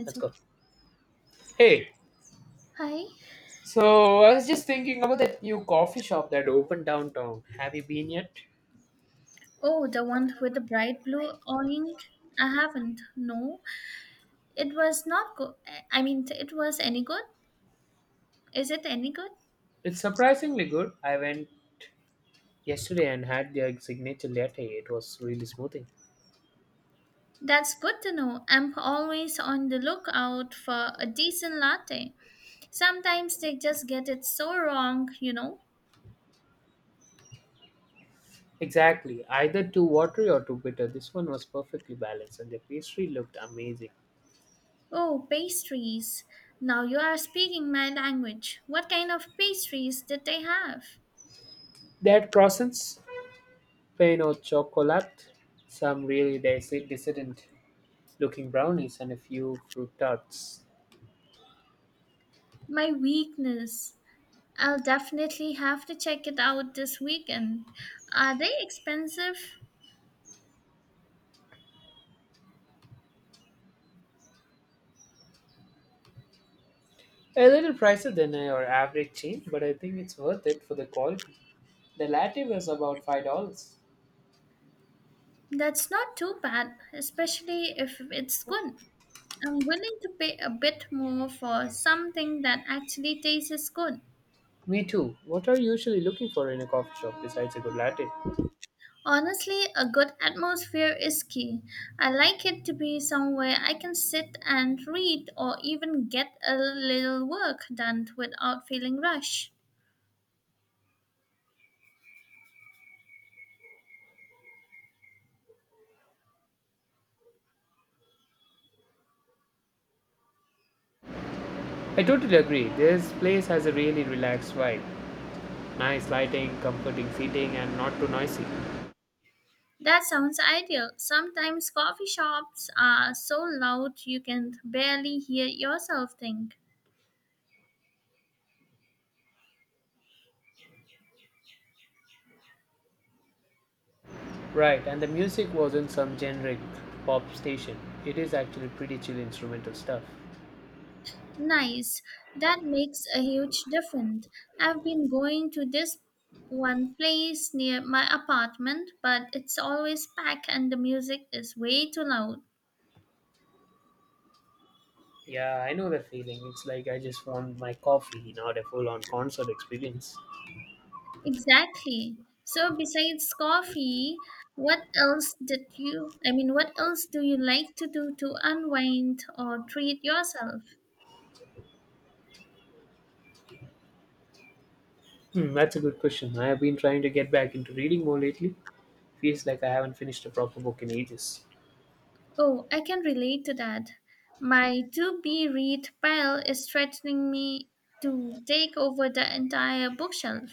It's Let's go. okay. Hey, Hi. so I was just thinking about that new coffee shop that opened downtown. Have you been yet? Oh, the one with the bright blue orange. I haven't. No, it was not good. I mean, it was any good. Is it any good? It's surprisingly good. I went yesterday and had their signature latte. It was really smoothing. That's good to know. I'm always on the lookout for a decent latte. Sometimes they just get it so wrong, you know. Exactly. Either too watery or too bitter. This one was perfectly balanced and the pastry looked amazing. Oh, pastries. Now you are speaking my language. What kind of pastries did they have? They had croissants, plain au chocolate, some really decadent looking brownies, and a few fruit tarts. My weakness. I'll definitely have to check it out this weekend. Are they expensive? A little pricier than our average chain, but I think it's worth it for the quality. The latte was about $5. That's not too bad, especially if it's good. I'm willing to pay a bit more for something that actually tastes good. Me too. What are you usually looking for in a coffee shop besides a good latte? Honestly, a good atmosphere is key. I like it to be somewhere I can sit and read or even get a little work done without feeling rushed. I totally agree. This place has a really relaxed vibe. Nice lighting, comforting seating, and not too noisy. That sounds ideal. Sometimes coffee shops are so loud you can barely hear yourself think. Right, and the music wasn't some generic pop station. It is actually pretty chill instrumental stuff. Nice. That makes a huge difference. I've been going to this one place near my apartment, but it's always packed and the music is way too loud. Yeah, I know the feeling. It's like I just want my coffee, not a full on concert experience. Exactly. So besides coffee, what else did you I mean what else do you like to do to unwind or treat yourself? Hmm, that's a good question. I have been trying to get back into reading more lately. Feels like I haven't finished a proper book in ages. Oh, I can relate to that. My to be read pile is threatening me to take over the entire bookshelf.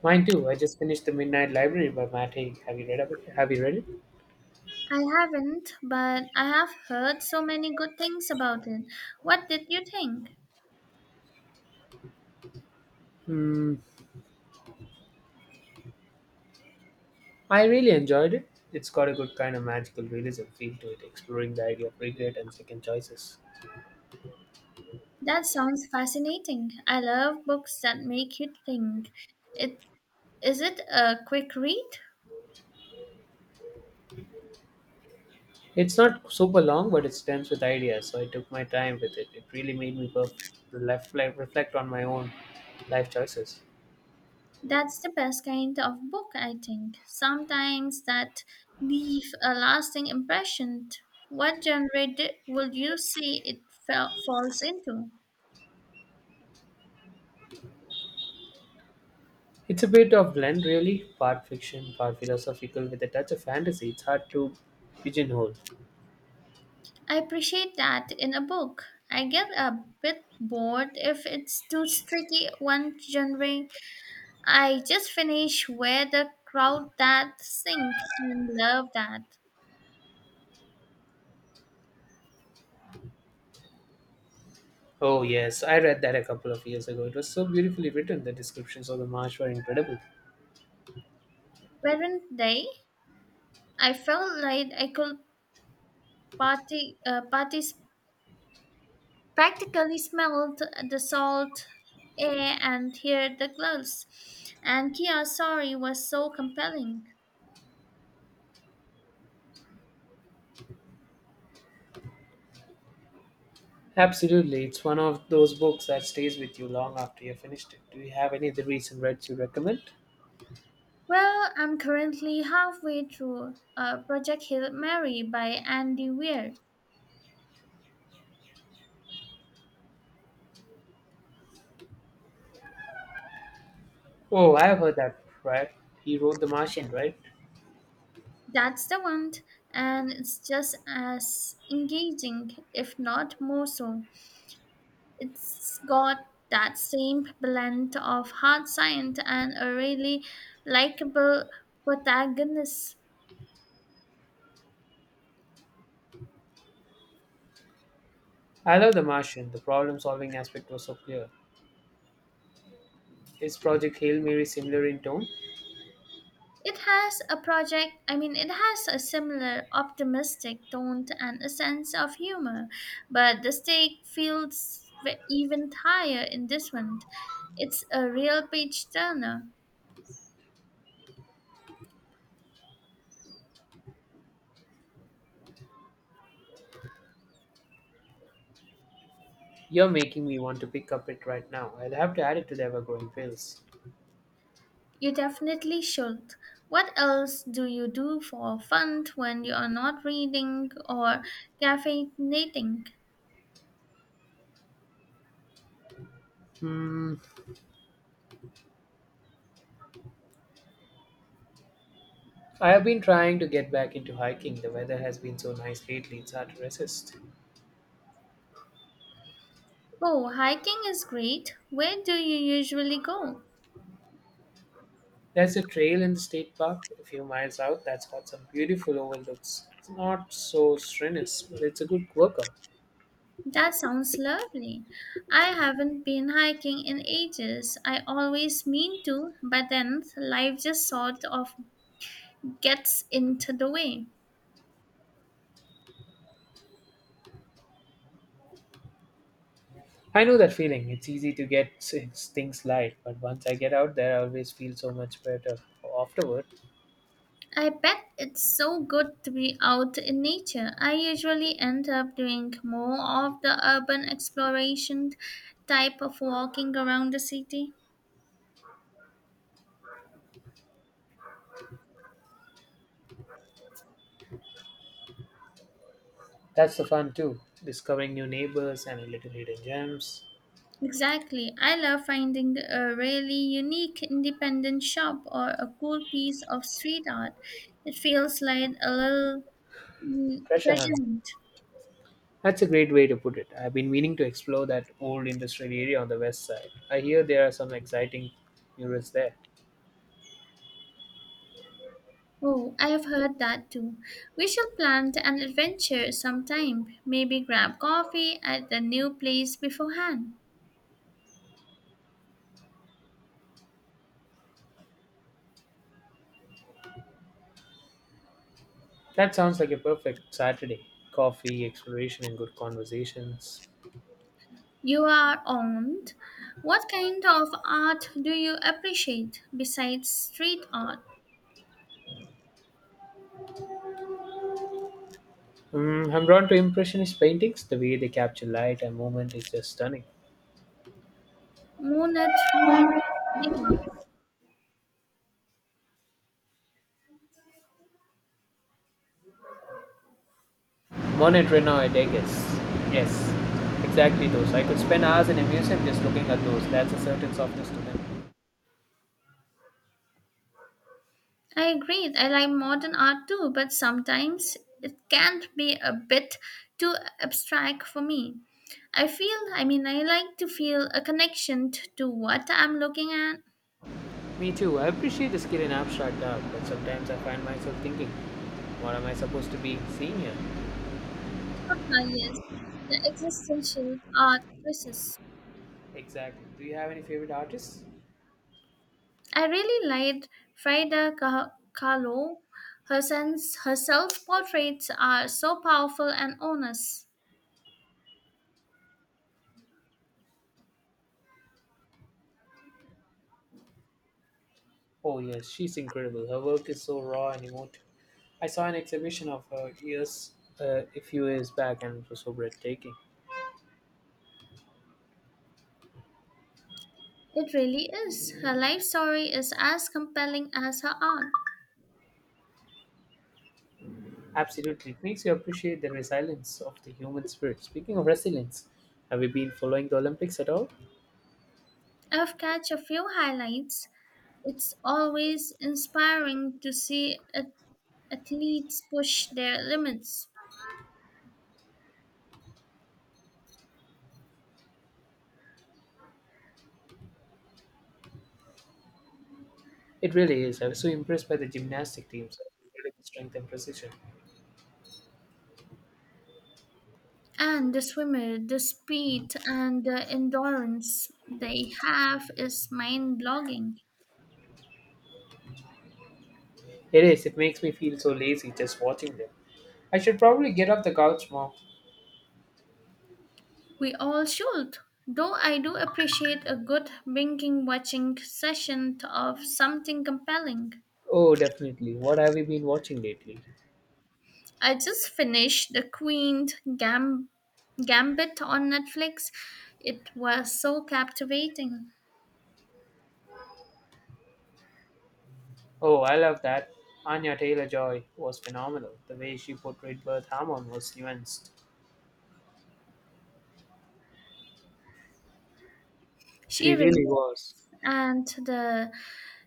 Mine too. I just finished The Midnight Library by Matt Haig. Have you read of it? Have you read it? I haven't, but I have heard so many good things about it. What did you think? Hmm. I really enjoyed it. It's got a good kind of magical realism feel to it, exploring the idea of regret and second choices. That sounds fascinating. I love books that make you think. It is it a quick read? It's not super long, but it's dense with ideas, so I took my time with it. It really made me like, reflect on my own life choices. That's the best kind of book, I think. Sometimes that leave a lasting impression. What genre would you see it falls into? It's a bit of blend, really, part fiction, part philosophical, with a touch of fantasy. It's hard to pigeonhole. I appreciate that in a book. I get a bit bored if it's too tricky one genre. I just finished Where the Crowd That Sink and love that. Oh yes, I read that a couple of years ago. It was so beautifully written. The descriptions of the marsh were incredible. Weren't they? I felt like I could party, participate practically smelled the salt air and heard the gloves. And Kia's story was so compelling. Absolutely, it's one of those books that stays with you long after you've finished it. Do you have any other recent reads you recommend? Well, I'm currently halfway through Project Hail Mary by Andy Weir. Oh, I have heard that. Right, he wrote The Martian, right? That's the one, and it's just as engaging, if not more so. It's got that same blend of hard science and a really likable protagonist. I love The Martian. The problem-solving aspect was so clear. Is Project Hail Mary similar in tone? It has a similar optimistic tone and a sense of humor, but the stake feels even higher in this one. It's a real page turner. You're making me want to pick up it right now. I'll have to add it to the ever-growing pills. You definitely should. What else do you do for fun when you are not reading or caffeinating? Hmm, I have been trying to get back into hiking. The weather has been so nice lately; it's hard to resist. Oh, hiking is great. Where do you usually go? There's a trail in the state park a few miles out that's got some beautiful overlooks. It's not so strenuous, but it's a good workout. That sounds lovely. I haven't been hiking in ages. I always mean to, but then life just sort of gets into the way. I know that feeling. It's easy to get things light, but once I get out there, I always feel so much better afterward. I bet it's so good to be out in nature. I usually end up doing more of the urban exploration type of walking around the city. That's the fun too. Discovering new neighbors and a little hidden gems. Exactly. I love finding a really unique independent shop or a cool piece of street art. It feels like a little Treasure treasure hunt. hunt. That's a great way to put it. I've been meaning to explore that old industrial area on the west side. I hear there are some exciting murals there. Oh, I have heard that too. We shall plan an adventure sometime. Maybe grab coffee at the new place beforehand. That sounds like a perfect Saturday. Coffee, exploration, and good conversations. You are on. What kind of art do you appreciate besides street art? Mm, I'm drawn to Impressionist paintings. The way they capture light and movement is just stunning. Monet, Degas. Monet Renoir, Degas. Yes, exactly those. I could spend hours in a museum just looking at those. That's a certain softness to them. I agree. I like modern art too, but sometimes it can be a bit too abstract for me. I like to feel a connection to what I'm looking at. Me too. I appreciate the skill in abstract art, but sometimes I find myself thinking, what am I supposed to be seeing here? Ah, yes, the existential art crisis. Exactly. Do you have any favorite artists? I really liked Frida Kahlo. Her self-portraits are so powerful and honest. Oh, yes, she's incredible. Her work is so raw and emotive. I saw an exhibition of years a few years back, and it was so breathtaking. It really is. Her life story is as compelling as her art. Absolutely, it makes you appreciate the resilience of the human spirit. Speaking of resilience, have you been following the Olympics at all? I've catch a few highlights. It's always inspiring to see athletes push their limits. It really is. I was so impressed by the gymnastic teams, incredible strength and precision. And the swimmer, the speed and the endurance they have is mind blogging. It is. It makes me feel so lazy just watching them. I should probably get off the couch more. We all should. Though I do appreciate a good binking watching session of something compelling. Oh, definitely. What have you been watching lately? I just finished The Queen Gam- Gambit on Netflix. It was so captivating. Oh, I love that. Anya Taylor Joy was phenomenal. The way she portrayed Birth Hammond was nuanced. She She raced, really was. and the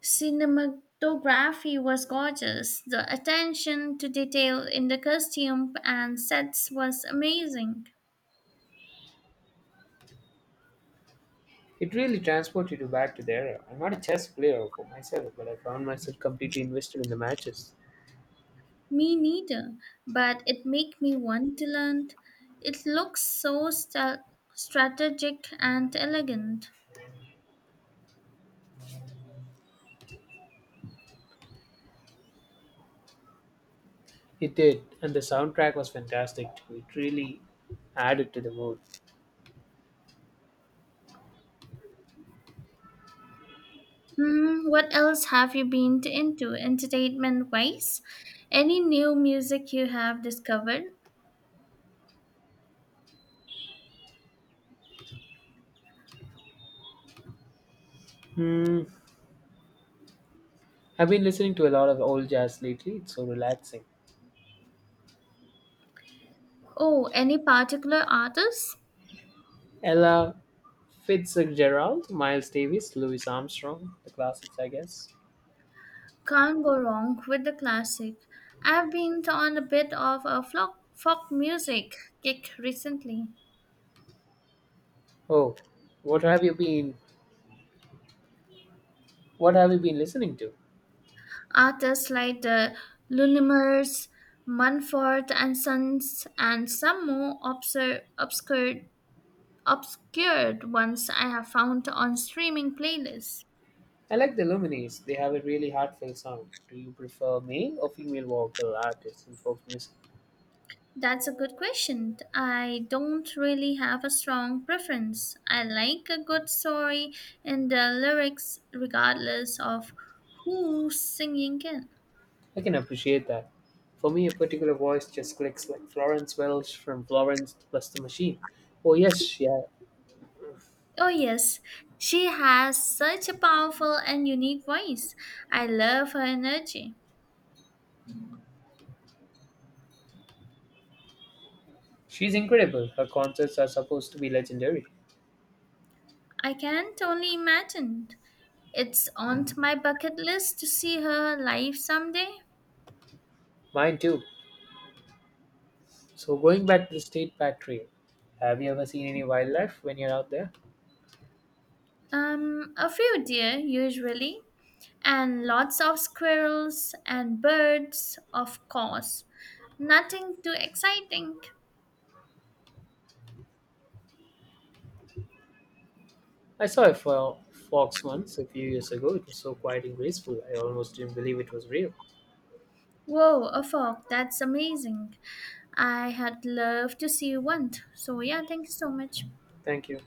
cinematography was gorgeous. The attention to detail in the costume and sets was amazing. It really transported you back to the era. I'm not a chess player for myself, but I found myself completely invested in the matches. Me neither, but it made me want to learn. It looks so strategic and elegant. It did, and the soundtrack was fantastic too. It really added to the mood. Hmm, what else have you been into entertainment wise? Any new music you have discovered? Hmm. I've been listening to a lot of old jazz lately. It's so relaxing. Oh, any particular artists? Ella Fitzgerald, Miles Davis, Louis Armstrong, the classics, I guess. Can't go wrong with the classic. I've been on a bit of a folk music kick recently. Oh, what have you been? What have you been listening to? Artists like the Lumineers, Mumford and Sons, and some more obscure, obscure, obscured ones I have found on streaming playlists. I like the Lumineers. They have a really heartfelt sound. Do you prefer male or female vocal artists in folk music? That's a good question. I don't really have a strong preference. I like a good story and the lyrics, regardless of who's singing it. I can appreciate that. For me, a particular voice just clicks like Florence Welsh from Florence plus the Machine. Oh, yes, yeah. Oh, yes, she has such a powerful and unique voice. I love her energy. She's incredible. Her concerts are supposed to be legendary. I can't only imagine. It's on my bucket list to see her live someday. Mine too. So, going back to the state park trail, have you ever seen any wildlife when you're out there? A few, dear, usually. And lots of squirrels and birds, of course. Nothing too exciting. I saw a fox once a few years ago. It was so quiet and graceful, I almost didn't believe it was real. Whoa, a fog. That's amazing. I had loved to see one. So, yeah, thank you so much. Thank you.